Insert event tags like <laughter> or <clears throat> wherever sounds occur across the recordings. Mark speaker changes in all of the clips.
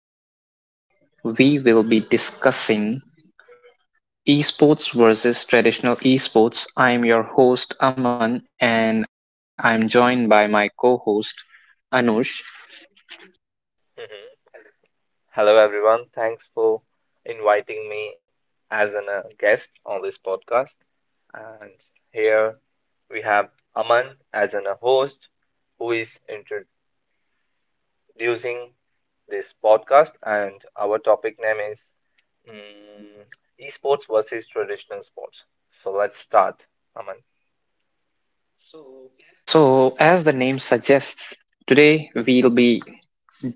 Speaker 1: Today, we will be discussing esports versus traditional esports. I am your host, Aman, and I'm joined by my co host, Anush.
Speaker 2: Mhm. Hello, everyone. Thanks for inviting me as a guest on this podcast. And here we have Aman as a host who is introducing this podcast. And our topic name is mm, esports versus traditional sports. So let's start, Aman.
Speaker 1: So, as the name suggests, today we'll be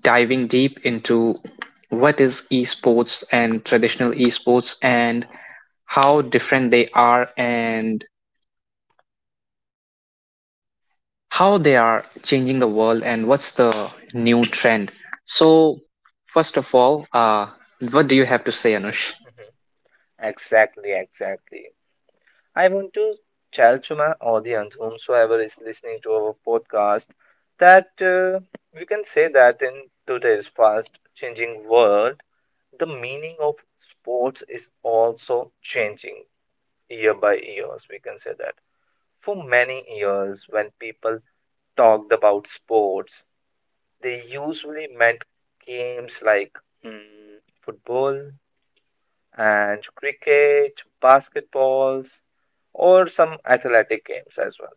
Speaker 1: diving deep into what is esports and traditional esports and how different they are and how they are changing the world and what's the new trend. So, first of all, what do you have to say, Anush?
Speaker 2: Exactly, exactly. I want to tell to my audience, whomsoever is listening to our podcast, that we can say that in today's fast changing world, the meaning of sports is also changing year by years. We can say that. For many years, when people talked about sports, they usually meant games like mm, football and cricket, basketballs, or some athletic games as well.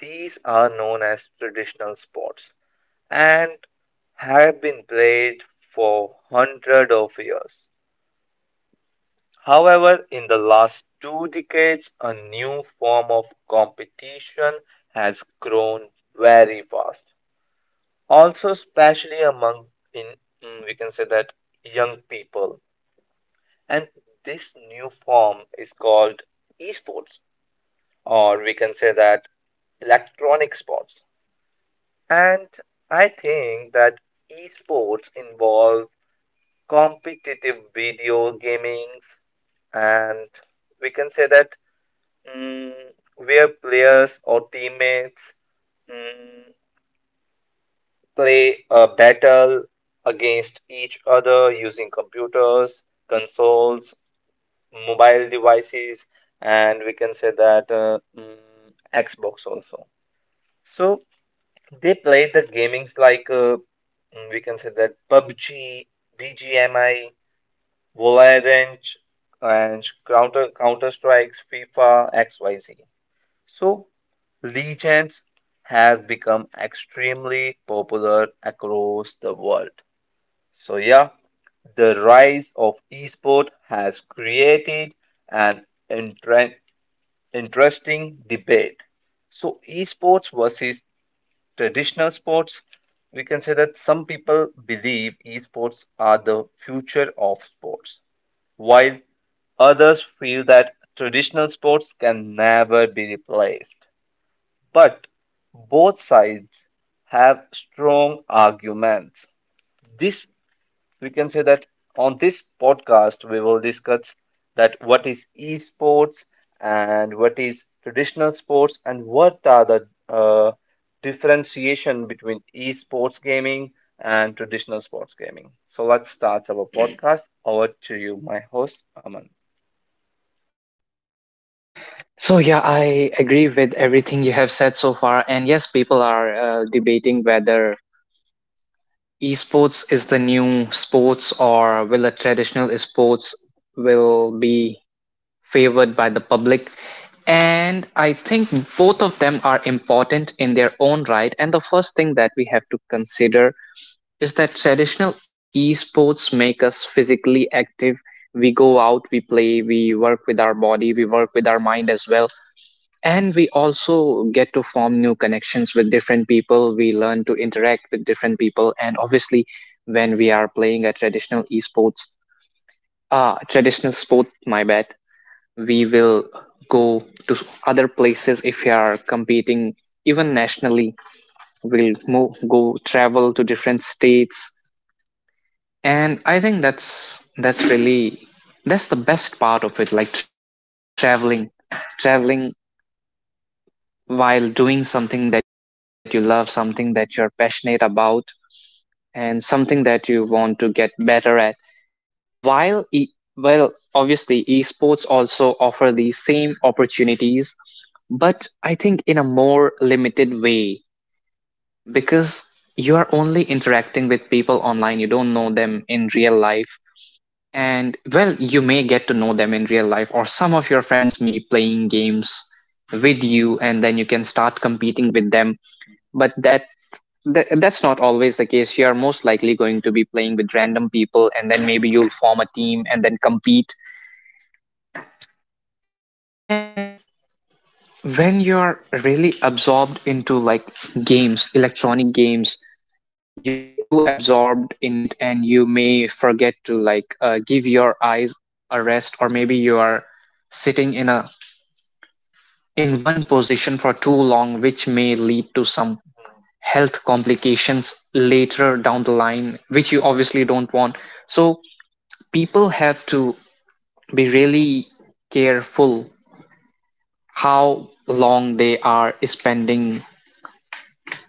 Speaker 2: These are known as traditional sports and have been played for hundreds of years. However, in the last 2 decades, a new form of competition has grown very fast. Also, especially among in we can say that young people, and this new form is called esports, or we can say that electronic sports. And I think that esports involve competitive video gamings, and we can say that mm, where players or teammates mm, play a battle against each other using computers, consoles, mobile devices, and we can say that Xbox also. So they play the gamings like we can say that PUBG, BGMI, Valorant, and Counter Strikes, FIFA, XYZ. So Legends have become extremely popular across the world. So yeah, the rise of esport has created an interesting debate. So esports versus traditional sports, we can say that some people believe esports are the future of sports, while others feel that traditional sports can never be replaced. But both sides have strong arguments. This we can say that on this podcast we will discuss that what is esports and what is traditional sports and what are the differentiation between esports gaming and traditional sports gaming. So let's start our <clears throat> podcast. Over to you, my host Aman.
Speaker 1: So, yeah, I agree with everything you have said so far. And yes, people are debating whether esports is the new sports or will a traditional esports will be favored by the public. And I think both of them are important in their own right, and the first thing that we have to consider is that traditional esports make us physically active. We go out, we play, we work with our body, we work with our mind as well. And we also get to form new connections with different people, we learn to interact with different people. And obviously, when we are playing a traditional esports uh traditional sport my bad, we will go to other places if we are competing, even nationally. We'll go travel to different states. And I think that's the best part of it, like traveling, traveling while doing something that you love, something that you're passionate about, and something that you want to get better at. While e- well obviously esports also offer these same opportunities, but I think in a more limited way because you are only interacting with people online, you don't know them in real life. And well, you may get to know them in real life, or some of your friends may be playing games with you, and then you can start competing with them. But that's not always the case. You are most likely going to be playing with random people, and then maybe you'll form a team and then compete. And when you're really absorbed into like games electronic games, you get too absorbed in it and you may forget to like give your eyes a rest, or maybe you are sitting in one position for too long, which may lead to some health complications later down the line, which you obviously don't want. So people have to be really careful how long they are spending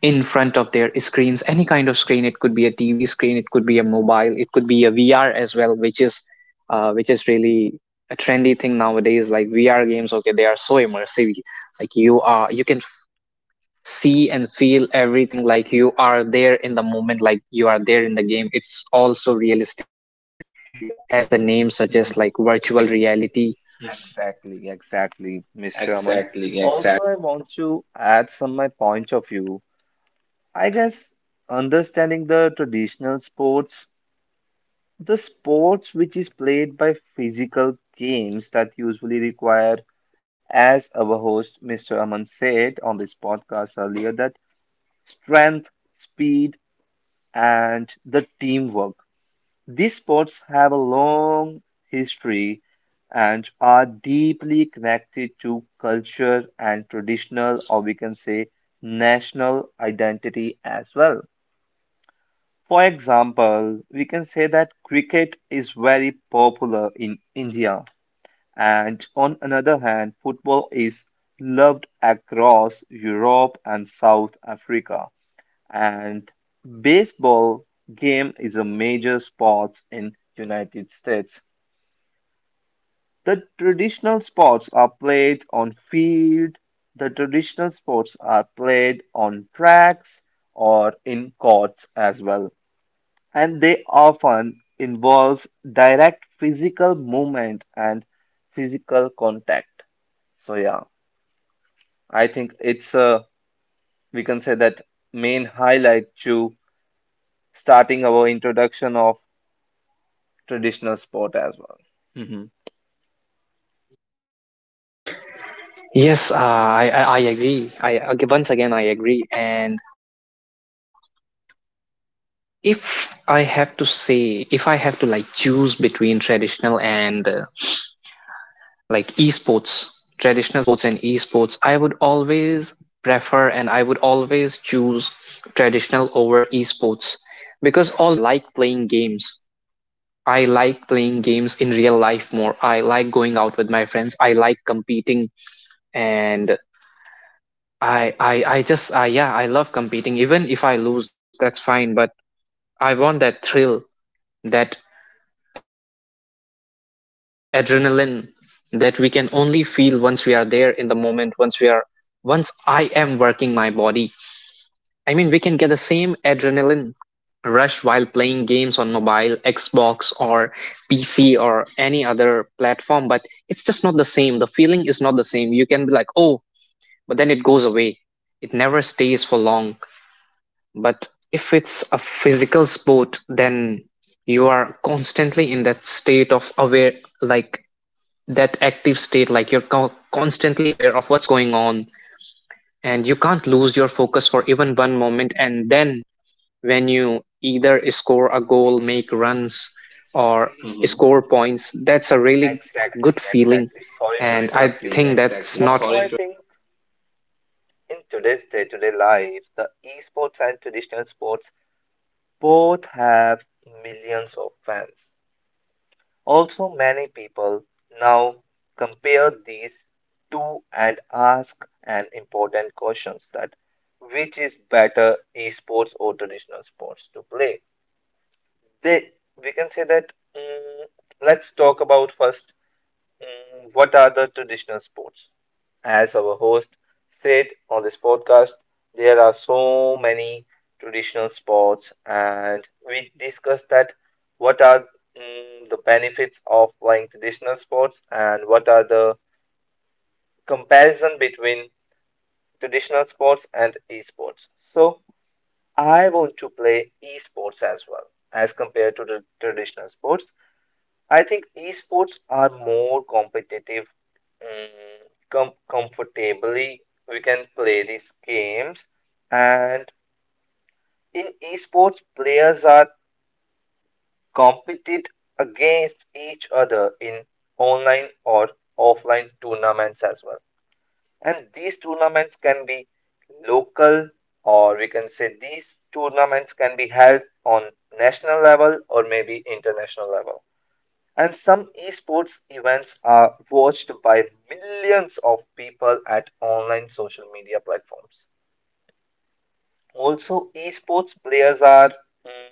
Speaker 1: in front of their screens, any kind of screen. It could be a TV screen, it could be a mobile, it could be a VR as well, which is really a trendy thing nowadays, like VR games. Okay, they are so immersive. Like you are, you can see and feel everything, like you are there in the moment, like you are there in the game. It's also realistic. Yeah, as the name suggests, like
Speaker 2: Mhm.
Speaker 1: virtual reality.
Speaker 2: Exactly, exactly, Mr. Aman.
Speaker 1: Exactly,
Speaker 2: Also,
Speaker 1: exactly.
Speaker 2: I want to add some my point of view. I guess understanding the traditional sports. The sports which is played by physical games that usually require, as our host Mr. Aman said on this podcast earlier, that strength, speed, and the teamwork. These sports have a long history and are deeply connected to culture and traditional, or we can say national identity as well. For example, we can say that cricket is very popular in India, and on another hand, football is loved across Europe and South Africa. And baseball game is a major sport in United States. The traditional sports are played on field. The traditional sports are played on tracks or in courts as well and they often involve direct physical movement and physical contact. So yeah, I think it's we can say that main highlight to starting our introduction of traditional sport as well. Mhm.
Speaker 1: Yes, I agree I ag- once again I agree. And if I have to say, if I have to like choose between traditional and like esports, traditional sports and esports, I would always prefer and I would always choose traditional over esports. Because although I like playing games, I like playing games in real life more. I like going out with my friends. I like competing, and I just I yeah, I love competing. Even if I lose, that's fine, but I want that thrill, that adrenaline, that we can only feel once we are there in the moment, once we are once I am working my body. I mean, we can get the same adrenaline rush while playing games on mobile, Xbox or PC or any other platform, but it's just not the same. The feeling is not the same. You can be like, oh, but then it goes away, it never stays for long. But if it's a physical sport, then you are constantly in that state of aware, like that active state, like you're constantly aware of what's going on, and you can't lose your focus for even one moment. And then when you either score a goal, make runs, or Mhm, score points, that's a really
Speaker 2: Exactly,
Speaker 1: good
Speaker 2: exactly.
Speaker 1: feeling.
Speaker 2: Sorry to
Speaker 1: And
Speaker 2: interrupt
Speaker 1: I
Speaker 2: you.
Speaker 1: exactly, think that's exactly.
Speaker 2: Also,
Speaker 1: Not
Speaker 2: I
Speaker 1: sorry
Speaker 2: think
Speaker 1: to
Speaker 2: in today's day-to-day life, the esports and traditional sports both have millions of fans. Also, many people now compare these two and ask an important question that which is better esports or traditional sports to play? They, we can say that, let's talk about first. What are the traditional sports? As our host said on this podcast, there are so many traditional sports, and we discussed that what are the benefits of playing traditional sports and what are the comparison between traditional sports and esports. So I want to play esports as well as compared to the traditional sports. I think esports are more competitive. Mm, comfortably, we can play these games, and in esports, players are competed against each other in online or offline tournaments as well. And these tournaments can be local, or we can say these tournaments can be held on national level or maybe international level. And some esports events are watched by millions of people at online social media platforms. Also, esports players are mm,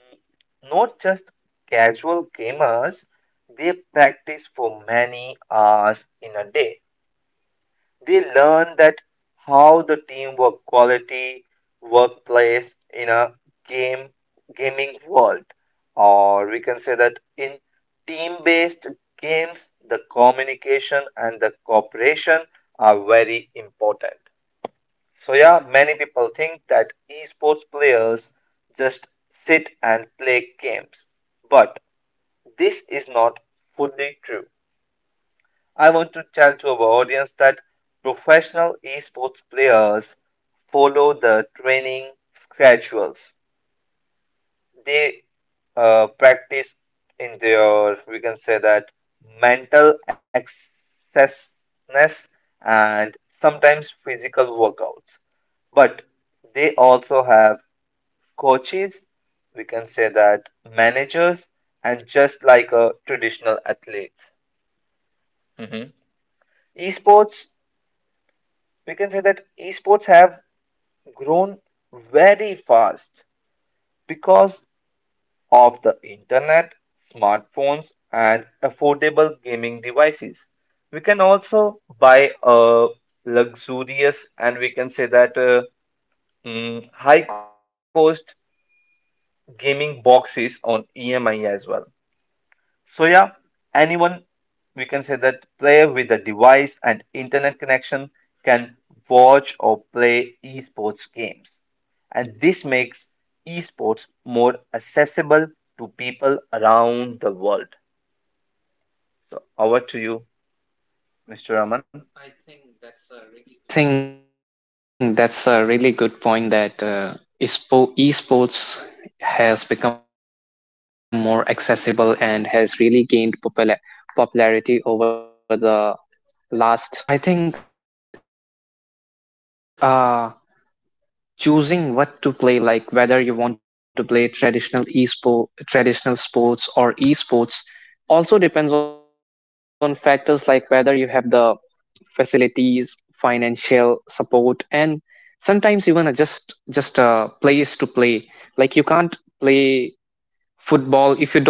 Speaker 2: not just casual gamers, they practice for many hours in a day. They learn that how the teamwork quality workplace in a game gaming world, or we can say that in team-based games, the communication and the cooperation are very important. So yeah, many people think that esports players just sit and play games, but this is not fully true. I want to tell to our audience that professional esports players follow the training schedules. They practice in their, we can say that, mental excessness and sometimes physical workouts. But they also have coaches, we can say that, managers, and just like a traditional athlete. hmm Esports, we can say that esports have grown very fast because of the internet, smartphones, and affordable gaming devices. We can also buy a luxurious and we can say that high cost gaming boxes on EMI as well. So yeah, anyone we can say that player with a device and internet connection can watch or play esports games. And this makes esports more accessible to people around the world. So over to you, Mr.
Speaker 1: over to
Speaker 2: Raman.
Speaker 1: you, Mr. Raman? I think that's a really good point that esports has become more accessible and has really gained popularity over the last decade. And yes, I think choosing what to play, like whether you want to play traditional esport, traditional sports or esports, also depends on factors like whether you have the facilities, financial support, and sometimes even a just a place to play. Like, you can't play football if you don't have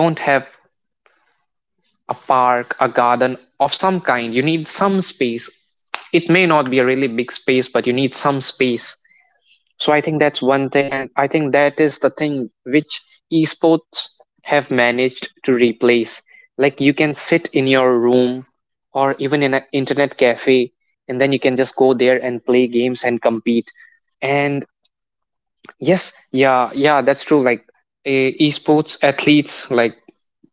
Speaker 1: a park, a garden of some kind. You need some space. It may not be a really big space, but you need some space. So I think that's one thing, and I think that is the thing which esports have managed to replace. Like, you can sit in your room or even in an internet cafe, and then you can just go there and play games and compete. And yes, yeah, yeah, that's true. Like esports athletes, like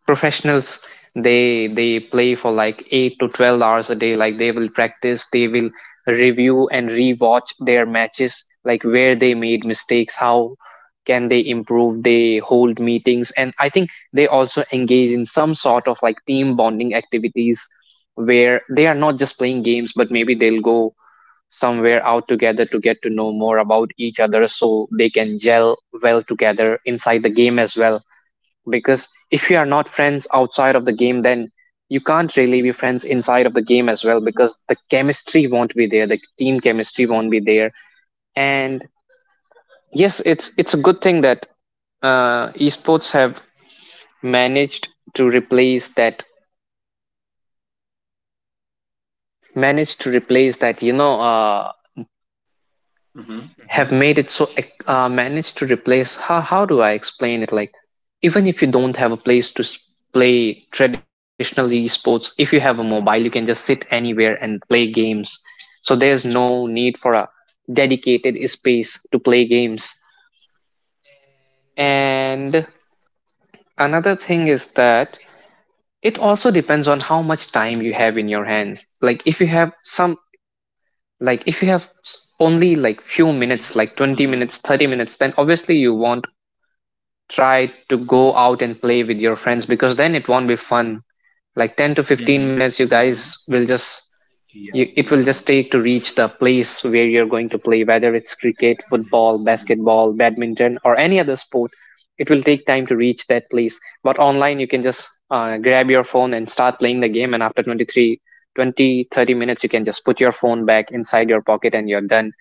Speaker 1: professionals, they play for like 8 to 12 hours a day. Like, they will practice, they will review and rewatch their matches, like where they made mistakes, how can they improve. They hold meetings, and I think they also engage in some sort of like team bonding activities where they are not just playing games, but maybe they'll go somewhere out together to get to know more about each other so they can gel well together inside the game as well. Because if you are not friends outside of the game, then you can't really be friends inside of the game as well, because the chemistry won't be there, the team chemistry won't be there. And yes, it's a good thing that esports have managed to replace that managed to replace that,
Speaker 2: Hmm,
Speaker 1: have made it so managed to replace. How do I explain it? Like, even if you don't have a place to play traditional esports, if you have a mobile you can just sit anywhere and play games. So there's no need for a dedicated space to play games. And another thing is that it also depends on how much time you have in your hands. Like if you have some, like if you have only like few
Speaker 2: hmm.
Speaker 1: minutes, like 20 minutes, 30 minutes, then obviously you want try to go out and play with your friends because then it won't be fun. Like 10 to 15 minutes, you guys will just,
Speaker 2: Yeah.
Speaker 1: you, it will just take to reach the place where you're going to play, whether it's cricket, football, basketball, badminton or any other sport. It will take time to reach that place, but online you can just grab your phone and start playing the game, and after 20, 30 minutes you can just put your phone back inside your pocket and you're done.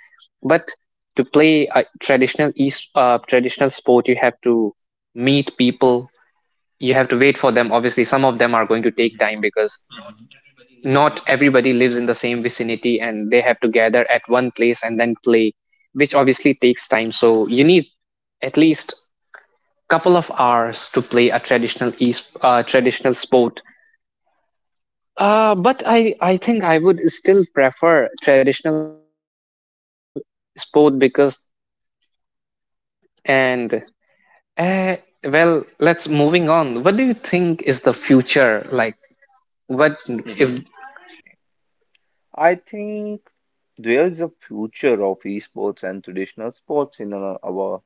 Speaker 1: But to play a traditional sport, you have to meet people, you have to wait for them. Obviously some of them are going to take time because not everybody lives in the same vicinity and they have to gather at one place and then play, which obviously takes time. So you need at least couple of hours to play a traditional sport. Uh, but I think I would still prefer traditional sport because, and uh, well, let's moving on, what do you think is the future, like
Speaker 2: Exactly,
Speaker 1: what if?
Speaker 2: exactly,
Speaker 1: Mhm.
Speaker 2: exactly. I think there's a future of esports and traditional sports in our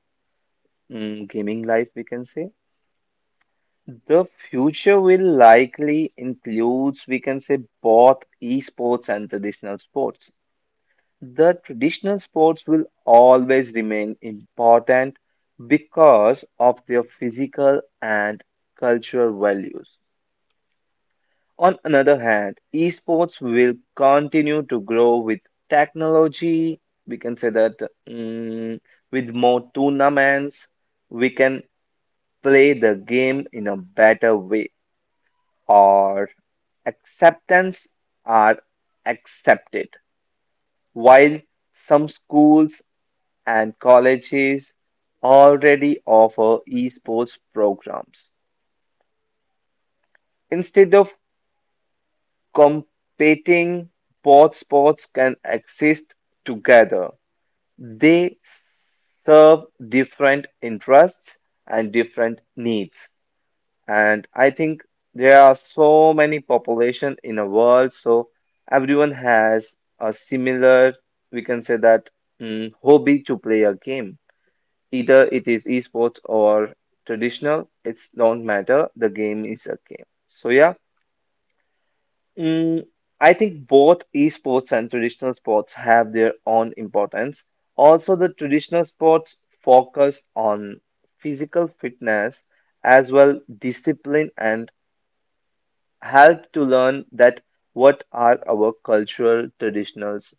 Speaker 2: gaming life, we can say. The future will likely includes, we can say, both esports and traditional sports. The traditional sports will always remain important because of their physical and cultural values. On another hand, esports will continue to grow with technology. We can say that mm, with more tournaments, we can play the game in a better way or acceptance are accepted. While some schools and colleges already offer esports programs. Instead of competing, both sports can exist together. They serve different interests and different needs. And I think there are so many population in a world, so everyone has a similar, we can say that hobby to play a game. Either it is esports or traditional, it's don't matter. The game is a game. So yeah, mm, I think both esports and traditional sports have their own importance. Also, the traditional sports focus on physical fitness as well discipline and help to learn that what are our cultural traditionals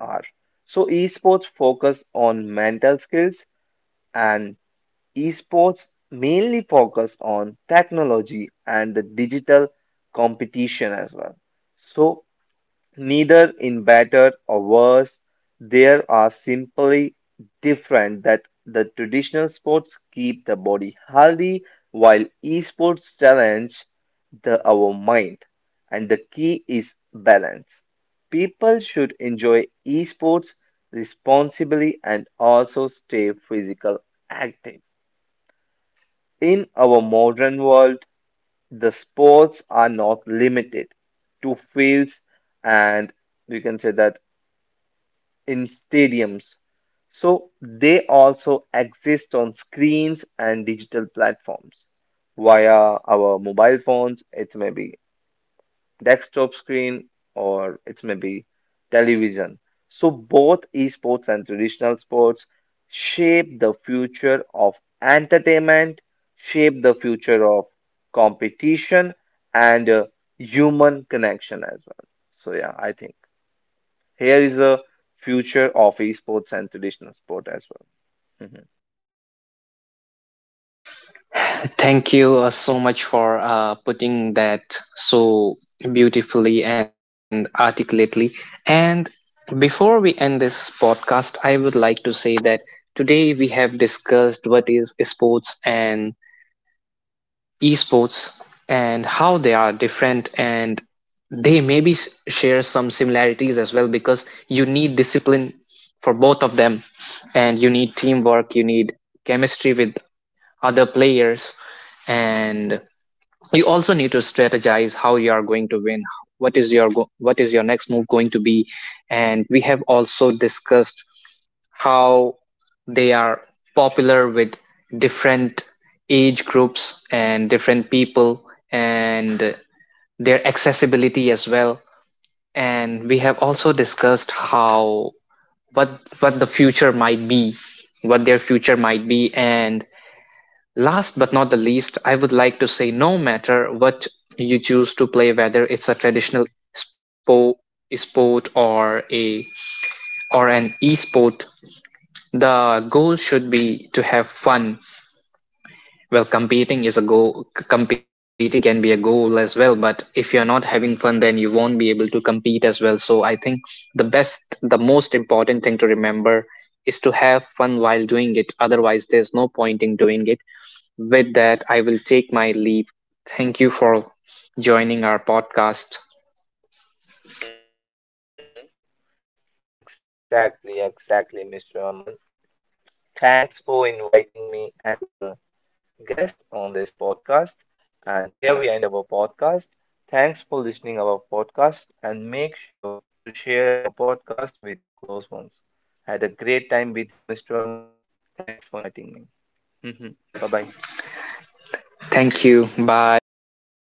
Speaker 2: are. So esports focus on mental skills and esports mainly focus on technology and the digital competition as well. So neither in better or worse, there are simply different that the traditional sports keep the body healthy while esports challenge the our mind and the key is balance. People should enjoy esports responsibly and also stay physical active. In our modern world, the sports are not limited to fields and we can say that in stadiums. So they also exist on screens and digital platforms via our mobile phones. It may be desktop screen or it's maybe television. So both esports and traditional sports shape the future of entertainment, shape the future of competition and human connection as well. So yeah, I think here is a future of esports and traditional sport as well. Mhm.
Speaker 1: Thank you so much for putting that so beautifully and articulately. And before we end this podcast, I would like to say that today we have discussed what is sports and esports and how they are different, and they maybe share some similarities as well because you need discipline for both of them, and you need teamwork, you need chemistry with other players, and you also need to strategize how you are going to win, what is your next move going to be. And we have also discussed how they are popular with different age groups and different people and their accessibility as well. And we have also discussed how what the future might be, what their future might be. And last but not the least, I would like to say, no matter what you choose to play, whether it's a spo- sport or a or an e-sport, the goal should be to have fun. Well, competing is a goal. Competing can be a goal as well, but if you're not having fun, then you won't be able to compete as well. So I think the best, the most important thing to remember is to have fun while doing it. Otherwise, there's no point in doing it. With that, I will take my leave. Thank you for joining our podcast.
Speaker 2: Exactly, exactly, Mr. Aman. Thanks for inviting me as an guest on this podcast. And here we end our podcast. Thanks for listening our podcast and make sure to share our podcast with your close ones. Had a great time with you, Mr. Aman. Thanks for inviting me. <laughs> Bye bye.
Speaker 1: Bye bye. Thank you. Bye. <laughs>